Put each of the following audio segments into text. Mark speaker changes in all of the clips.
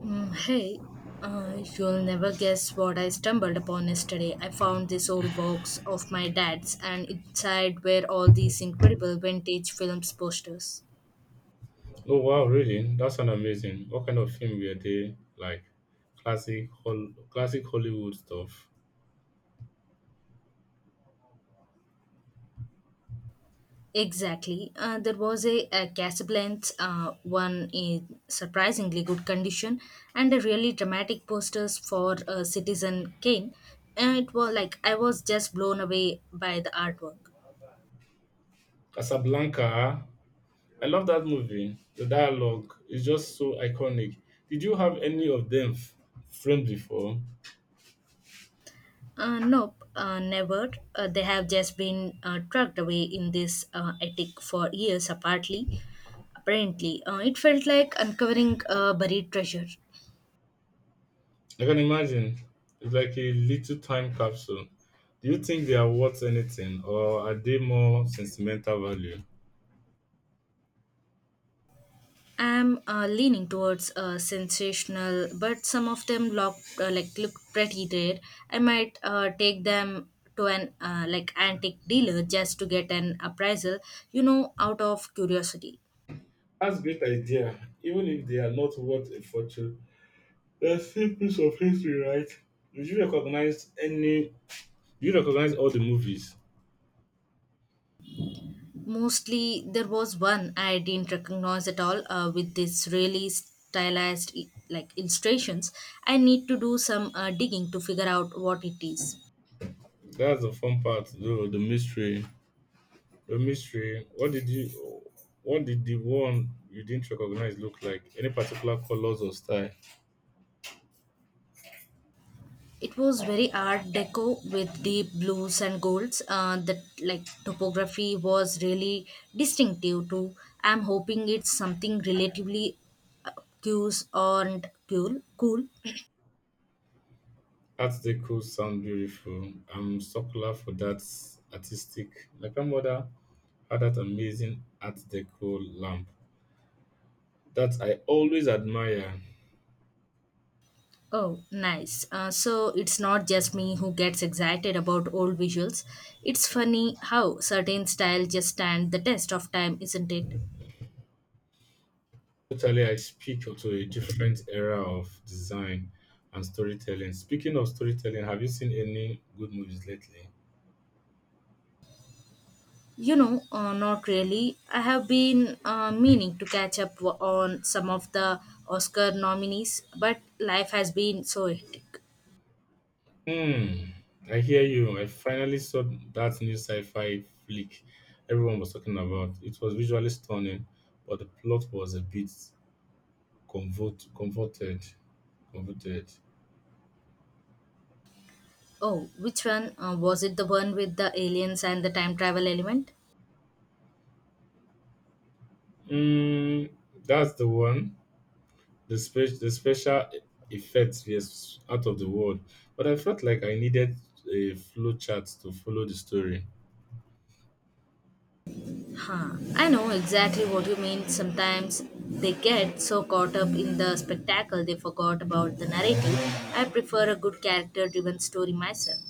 Speaker 1: Mm, hey, you'll never guess what I stumbled upon yesterday. I found this old box of my dad's, and inside were all these incredible vintage films posters.
Speaker 2: Oh wow, really? That sounds amazing. What kind of film were they like? Classic Hollywood stuff.
Speaker 1: Exactly. There was a Casablanca, one in surprisingly good condition, and a really dramatic posters for Citizen Kane. And it was like I was just blown away by the artwork.
Speaker 2: Casablanca. I love that movie. The dialogue is just so iconic. Did you have any of them f- Framed before?
Speaker 1: Nope, never. They have just been tucked away in this attic for years, apparently. Apparently, it felt like uncovering a buried treasure.
Speaker 2: I can imagine. It's like a little time capsule. Do you think they are worth anything, or are they more sentimental value?
Speaker 1: I'm leaning towards sensational, but some of them look look pretty rare. I might take them to an antique dealer just to get an appraisal, you know, out of curiosity.
Speaker 2: That's a great idea. Even if they are not worth a fortune, there's still piece of history, right? Did you recognize any? You recognize all the movies.
Speaker 1: Mostly, there was one I didn't recognize at all, with this really stylized illustrations. I need to do some digging to figure out what it is.
Speaker 2: That's the fun part, though. The mystery. What did the one you didn't recognize look like? Any particular colors or style?
Speaker 1: It was very art deco with deep blues and golds. The topography was really distinctive too. I'm hoping it's something relatively obtuse and cool.
Speaker 2: Articles sound beautiful. I'm so glad for that artistic. My grandmother had that amazing Art Deco lamp that I always admire.
Speaker 1: Oh, nice. So it's not just me who gets excited about old visuals. It's funny how certain styles just stand the test of time, isn't it?
Speaker 2: Totally, I speak to a different era of design and storytelling. Speaking of storytelling, have you seen any good movies lately?
Speaker 1: You know, not really. I have been meaning to catch up on some of the Oscar nominees, but life has been so hectic.
Speaker 2: Hmm, I hear you. I finally saw that new sci-fi flick everyone was talking about. It was visually stunning, but the plot was a bit converted. Converted.
Speaker 1: Oh, which one? Was it the one with the aliens and the time travel element?
Speaker 2: Hmm, that's the one. The special effects yes, out of the world, but I felt like I needed a flow chart to follow the story.
Speaker 1: Huh. I know exactly what you mean. Sometimes they get so caught up in the spectacle they forgot about the narrative. I prefer a good character driven story myself.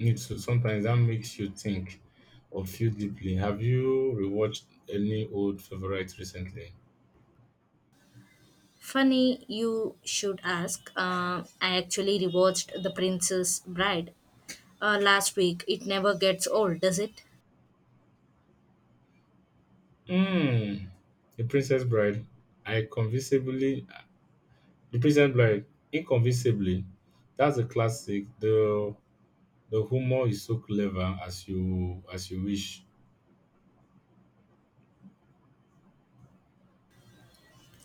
Speaker 2: Need to sometimes that makes you think or feel deeply. Have you rewatched any old favorite recently?
Speaker 1: Funny, you should ask. I actually rewatched The Princess Bride last week. It never gets old, does it?
Speaker 2: Mm, The Princess Bride. I convincingly The Princess Bride. Inconvincibly. That's a classic. The humor is so clever as you wish.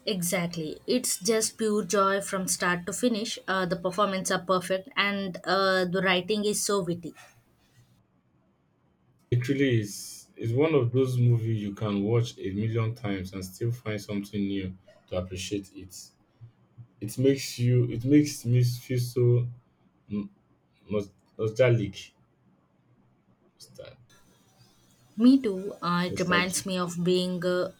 Speaker 1: Exactly. It's just pure joy from start to finish. The performances are perfect and the writing is so witty.
Speaker 2: It really is. It's one of those movies you can watch a million times and still find something new to appreciate it. It makes you. It makes me feel so n- nos- nostalgic. Nostal-
Speaker 1: Me too. It reminds
Speaker 2: Nostalgic.
Speaker 1: me of being a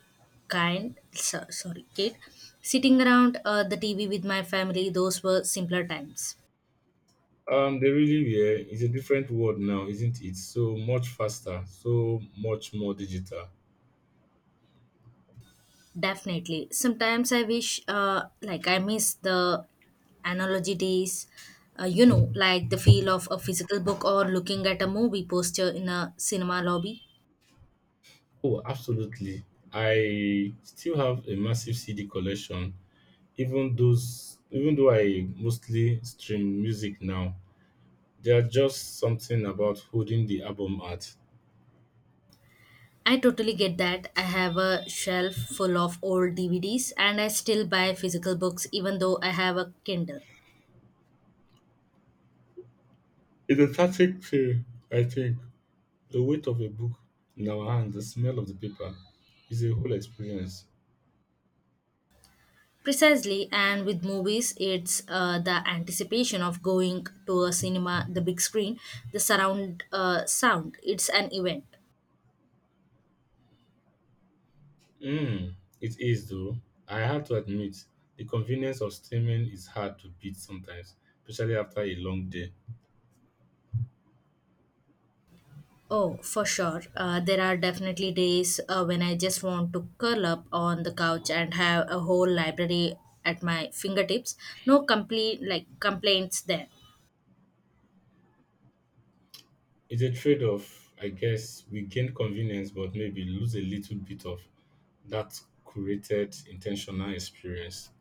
Speaker 1: kid, sitting around the TV with my family. Those were simpler times.
Speaker 2: They really were. It's a different world now, isn't it? So much faster, so much more digital.
Speaker 1: Definitely. Sometimes I wish, I miss the analogy days, you know, like the feel of a physical book or looking at a movie poster in a cinema lobby.
Speaker 2: Oh, absolutely. I still have a massive CD collection, even though I mostly stream music now. There's just something about holding the album art.
Speaker 1: I totally get that. I have a shelf full of old DVDs and I still buy physical books even though I have a Kindle.
Speaker 2: It's a static thing, I think. The weight of a book in our hand, the smell of the paper, is a whole experience.
Speaker 1: Precisely, and with movies, it's the anticipation of going to a cinema, the big screen, the surround sound. It's an event.
Speaker 2: Mm, it is, though. I have to admit, the convenience of streaming is hard to beat sometimes, especially after a long day.
Speaker 1: Oh, for sure. There are definitely days when I just want to curl up on the couch and have a whole library at my fingertips. No complete like complaints there.
Speaker 2: It's a trade off, I guess. We gain convenience, but maybe lose a little bit of that curated, intentional experience.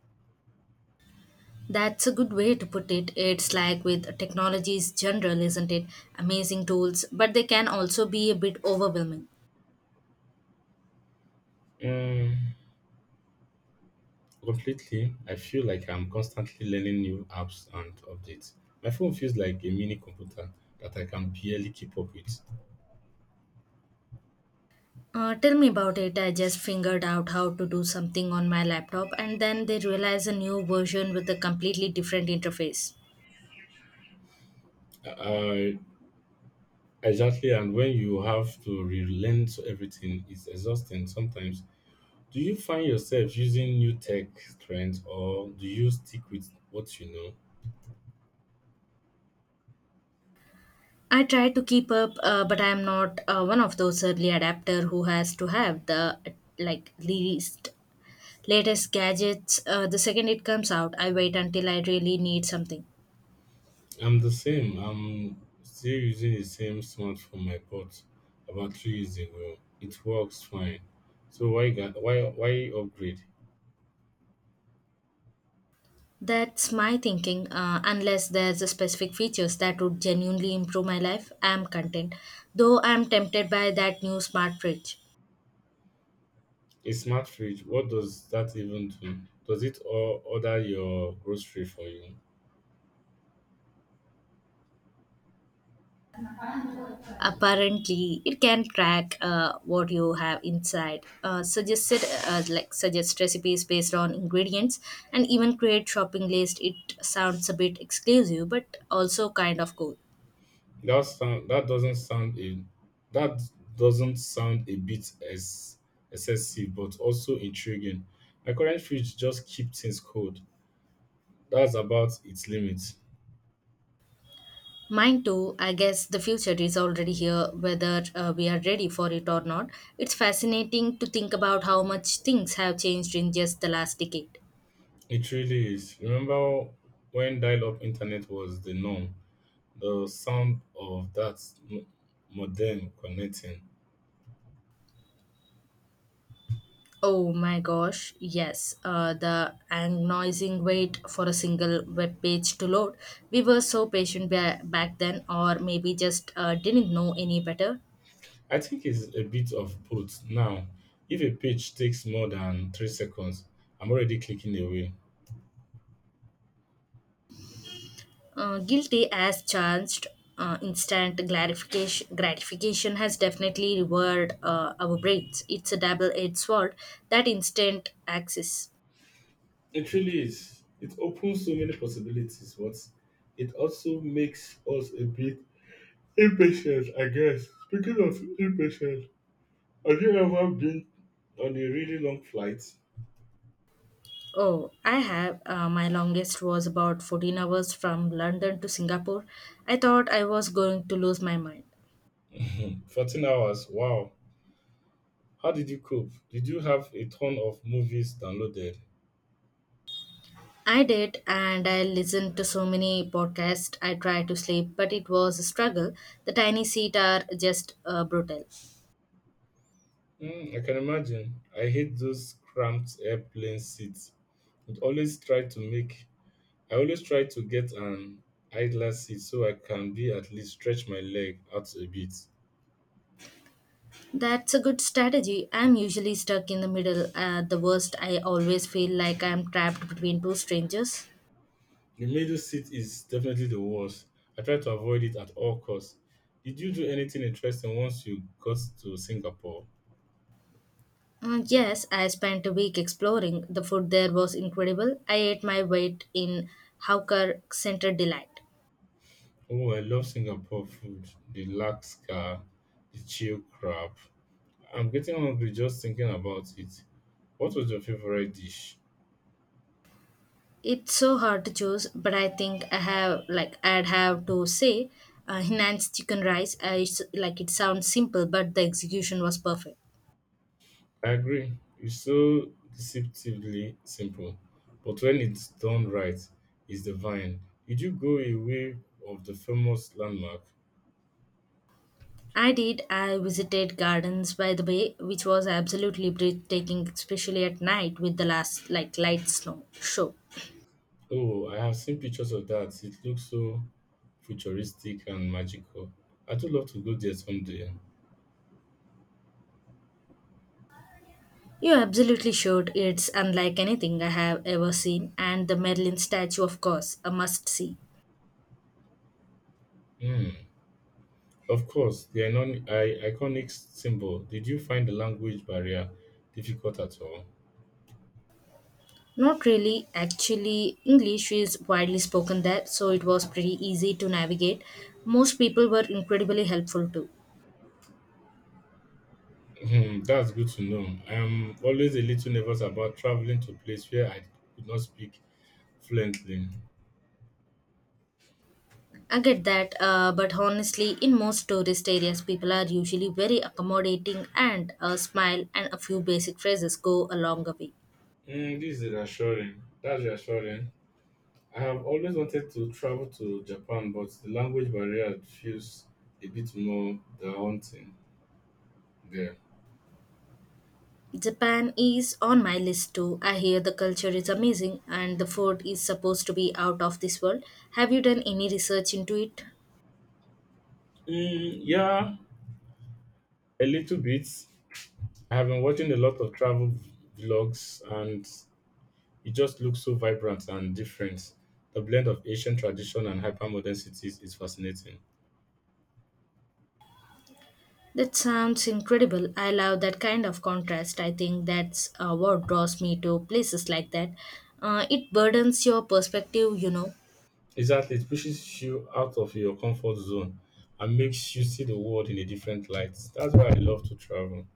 Speaker 1: That's a good way to put it. It's like with technologies general, isn't it? Amazing tools, but they can also be a bit overwhelming.
Speaker 2: Mm, completely, I feel like I'm constantly learning new apps and updates. My phone feels like a mini computer that I can barely keep up with.
Speaker 1: Tell me about it. I just figured out how to do something on my laptop, and then they realized a new version with a completely different interface.
Speaker 2: Uh, exactly, and when you have to relearn to everything, it's exhausting sometimes. Do you find yourself using new tech trends or do you stick with what you know?
Speaker 1: I try to keep up, but I am not one of those early adapter who has to have the like least latest gadgets. The second it comes out, I wait until I really need something.
Speaker 2: I'm the same. I'm still using the same smartphone I bought about three years ago. It works fine. So why ga- why upgrade?
Speaker 1: That's my thinking. Unless there's a specific features that would genuinely improve my life, I am content. Though I am tempted by that new smart fridge.
Speaker 2: A smart fridge, what does that even do? Does it or order your grocery for you?
Speaker 1: Apparently it can track what you have inside, suggest recipes based on ingredients and even create shopping list. It sounds a bit exclusive but also kind of cool.
Speaker 2: That sound that doesn't sound a that doesn't sound a bit as excessive, but also intriguing. My current fridge just keeps things cold. That's about its limit.
Speaker 1: Mine too. I guess the future is already here, whether we are ready for it or not. It's fascinating to think about how much things have changed in just the last decade.
Speaker 2: It really is. Remember when dial-up internet was the norm? The sound of that m- modem connecting.
Speaker 1: Oh my gosh, yes. The agonizing wait for a single web page to load. We were so patient back then, or maybe just didn't know any better.
Speaker 2: I think it's a bit of both. Now, if a page takes more than three seconds, I'm already clicking away.
Speaker 1: Guilty as charged. Instant gratification has definitely revered our brains. It's a double-edged sword. That instant access.
Speaker 2: It really is. It opens so many possibilities, but it also makes us a bit impatient, I guess. Speaking of impatient, have you ever been on a really long flight?
Speaker 1: Oh, I have. My longest was about 14 hours from London to Singapore. I thought I was going to lose my mind.
Speaker 2: 14 hours, wow. How did you cope? Did you have a ton of movies downloaded?
Speaker 1: I did, and I listened to so many podcasts. I tried to sleep, but it was a struggle. The tiny seat are just brutal.
Speaker 2: Mm, I can imagine. I hate those cramped airplane seats. It always try to make I always try to get an idler seat so I can be at least stretch my leg out a bit.
Speaker 1: That's a good strategy. I'm usually stuck in the middle. At the worst, I always feel like I'm trapped between two strangers.
Speaker 2: The middle seat is definitely the worst. I try to avoid it at all costs. Did you do anything interesting once you got to Singapore?
Speaker 1: Yes, I spent a week exploring. The food there was incredible. I ate my weight in Hawker Center Delight.
Speaker 2: Oh, I love Singapore food. The laksa, the chill crab. I'm getting hungry just thinking about it. What was your favorite dish?
Speaker 1: It's so hard to choose, but I think I have like I'd have to say Hainan's chicken rice. It sounds simple, but the execution was perfect.
Speaker 2: I agree. It's so deceptively simple, but when it's done right, it's divine. Did you go away of the famous landmark?
Speaker 1: I did. I visited gardens by the bay, which was absolutely breathtaking, especially at night with the last like light snow show.
Speaker 2: Oh, I have seen pictures of that. It looks so futuristic and magical. I do love to go there someday.
Speaker 1: You absolutely should. It's unlike anything I have ever seen, and the Merlin statue, of course, a must see.
Speaker 2: Hmm. Of course, the iconic symbol. Did you find the language barrier difficult at all?
Speaker 1: Not really. Actually, English is widely spoken there, so it was pretty easy to navigate. Most people were incredibly helpful too.
Speaker 2: Hmm, that's good to know. I am always a little nervous about traveling to a place where I could not speak fluently.
Speaker 1: I get that, but honestly, in most tourist areas, people are usually very accommodating, and a smile and a few basic phrases go a long way.
Speaker 2: Mm, this is reassuring. That's reassuring. I have always wanted to travel to Japan, but the language barrier feels a bit more daunting there.
Speaker 1: Japan is on my list too. I hear the culture is amazing and the food is supposed to be out of this world. Have you done any research into it?
Speaker 2: Mm, yeah, a little bit. I have been watching a lot of travel vlogs, and it just looks so vibrant and different. The blend of Asian tradition and hypermodern cities is fascinating.
Speaker 1: That sounds incredible. I love that kind of contrast. I think that's what draws me to places like that. It burdens your perspective, you know.
Speaker 2: Exactly. It pushes you out of your comfort zone and makes you see the world in a different light. That's why I love to travel.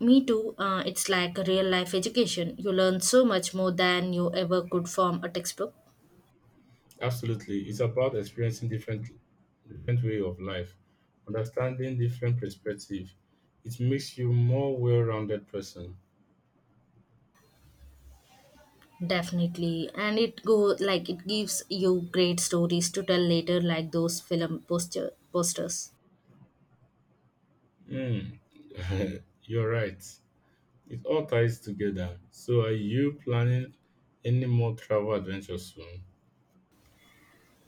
Speaker 1: Me too. It's like a real life education. You learn so much more than you ever could from a textbook.
Speaker 2: Absolutely. It's about experiencing different way of life, understanding different perspective. It makes you more well-rounded person.
Speaker 1: Definitely, and it go like it gives you great stories to tell later, like those film posters.
Speaker 2: Mm. You're right. It all ties together. So are you planning any more travel adventures soon?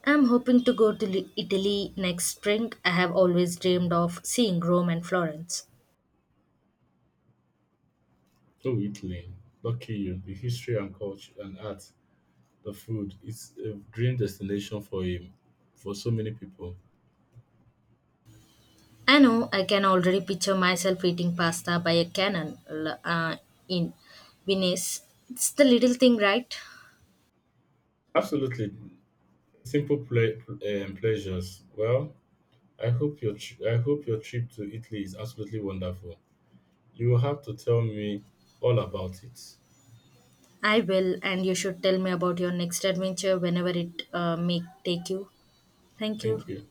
Speaker 1: I'm hoping to go to Italy next spring. I have always dreamed of seeing Rome and Florence.
Speaker 2: Oh, Italy. Lucky you. The history and culture and art. The food, it's a dream destination for him, for so many people.
Speaker 1: I know I can already picture myself eating pasta by a cannon l- in Venice. It's the little thing, right?
Speaker 2: Absolutely. Pleasures. Well, I hope your trip to Italy is absolutely wonderful. You will have to tell me all about it.
Speaker 1: I will, and you should tell me about your next adventure whenever it may take you. Thank you.
Speaker 2: Thank you.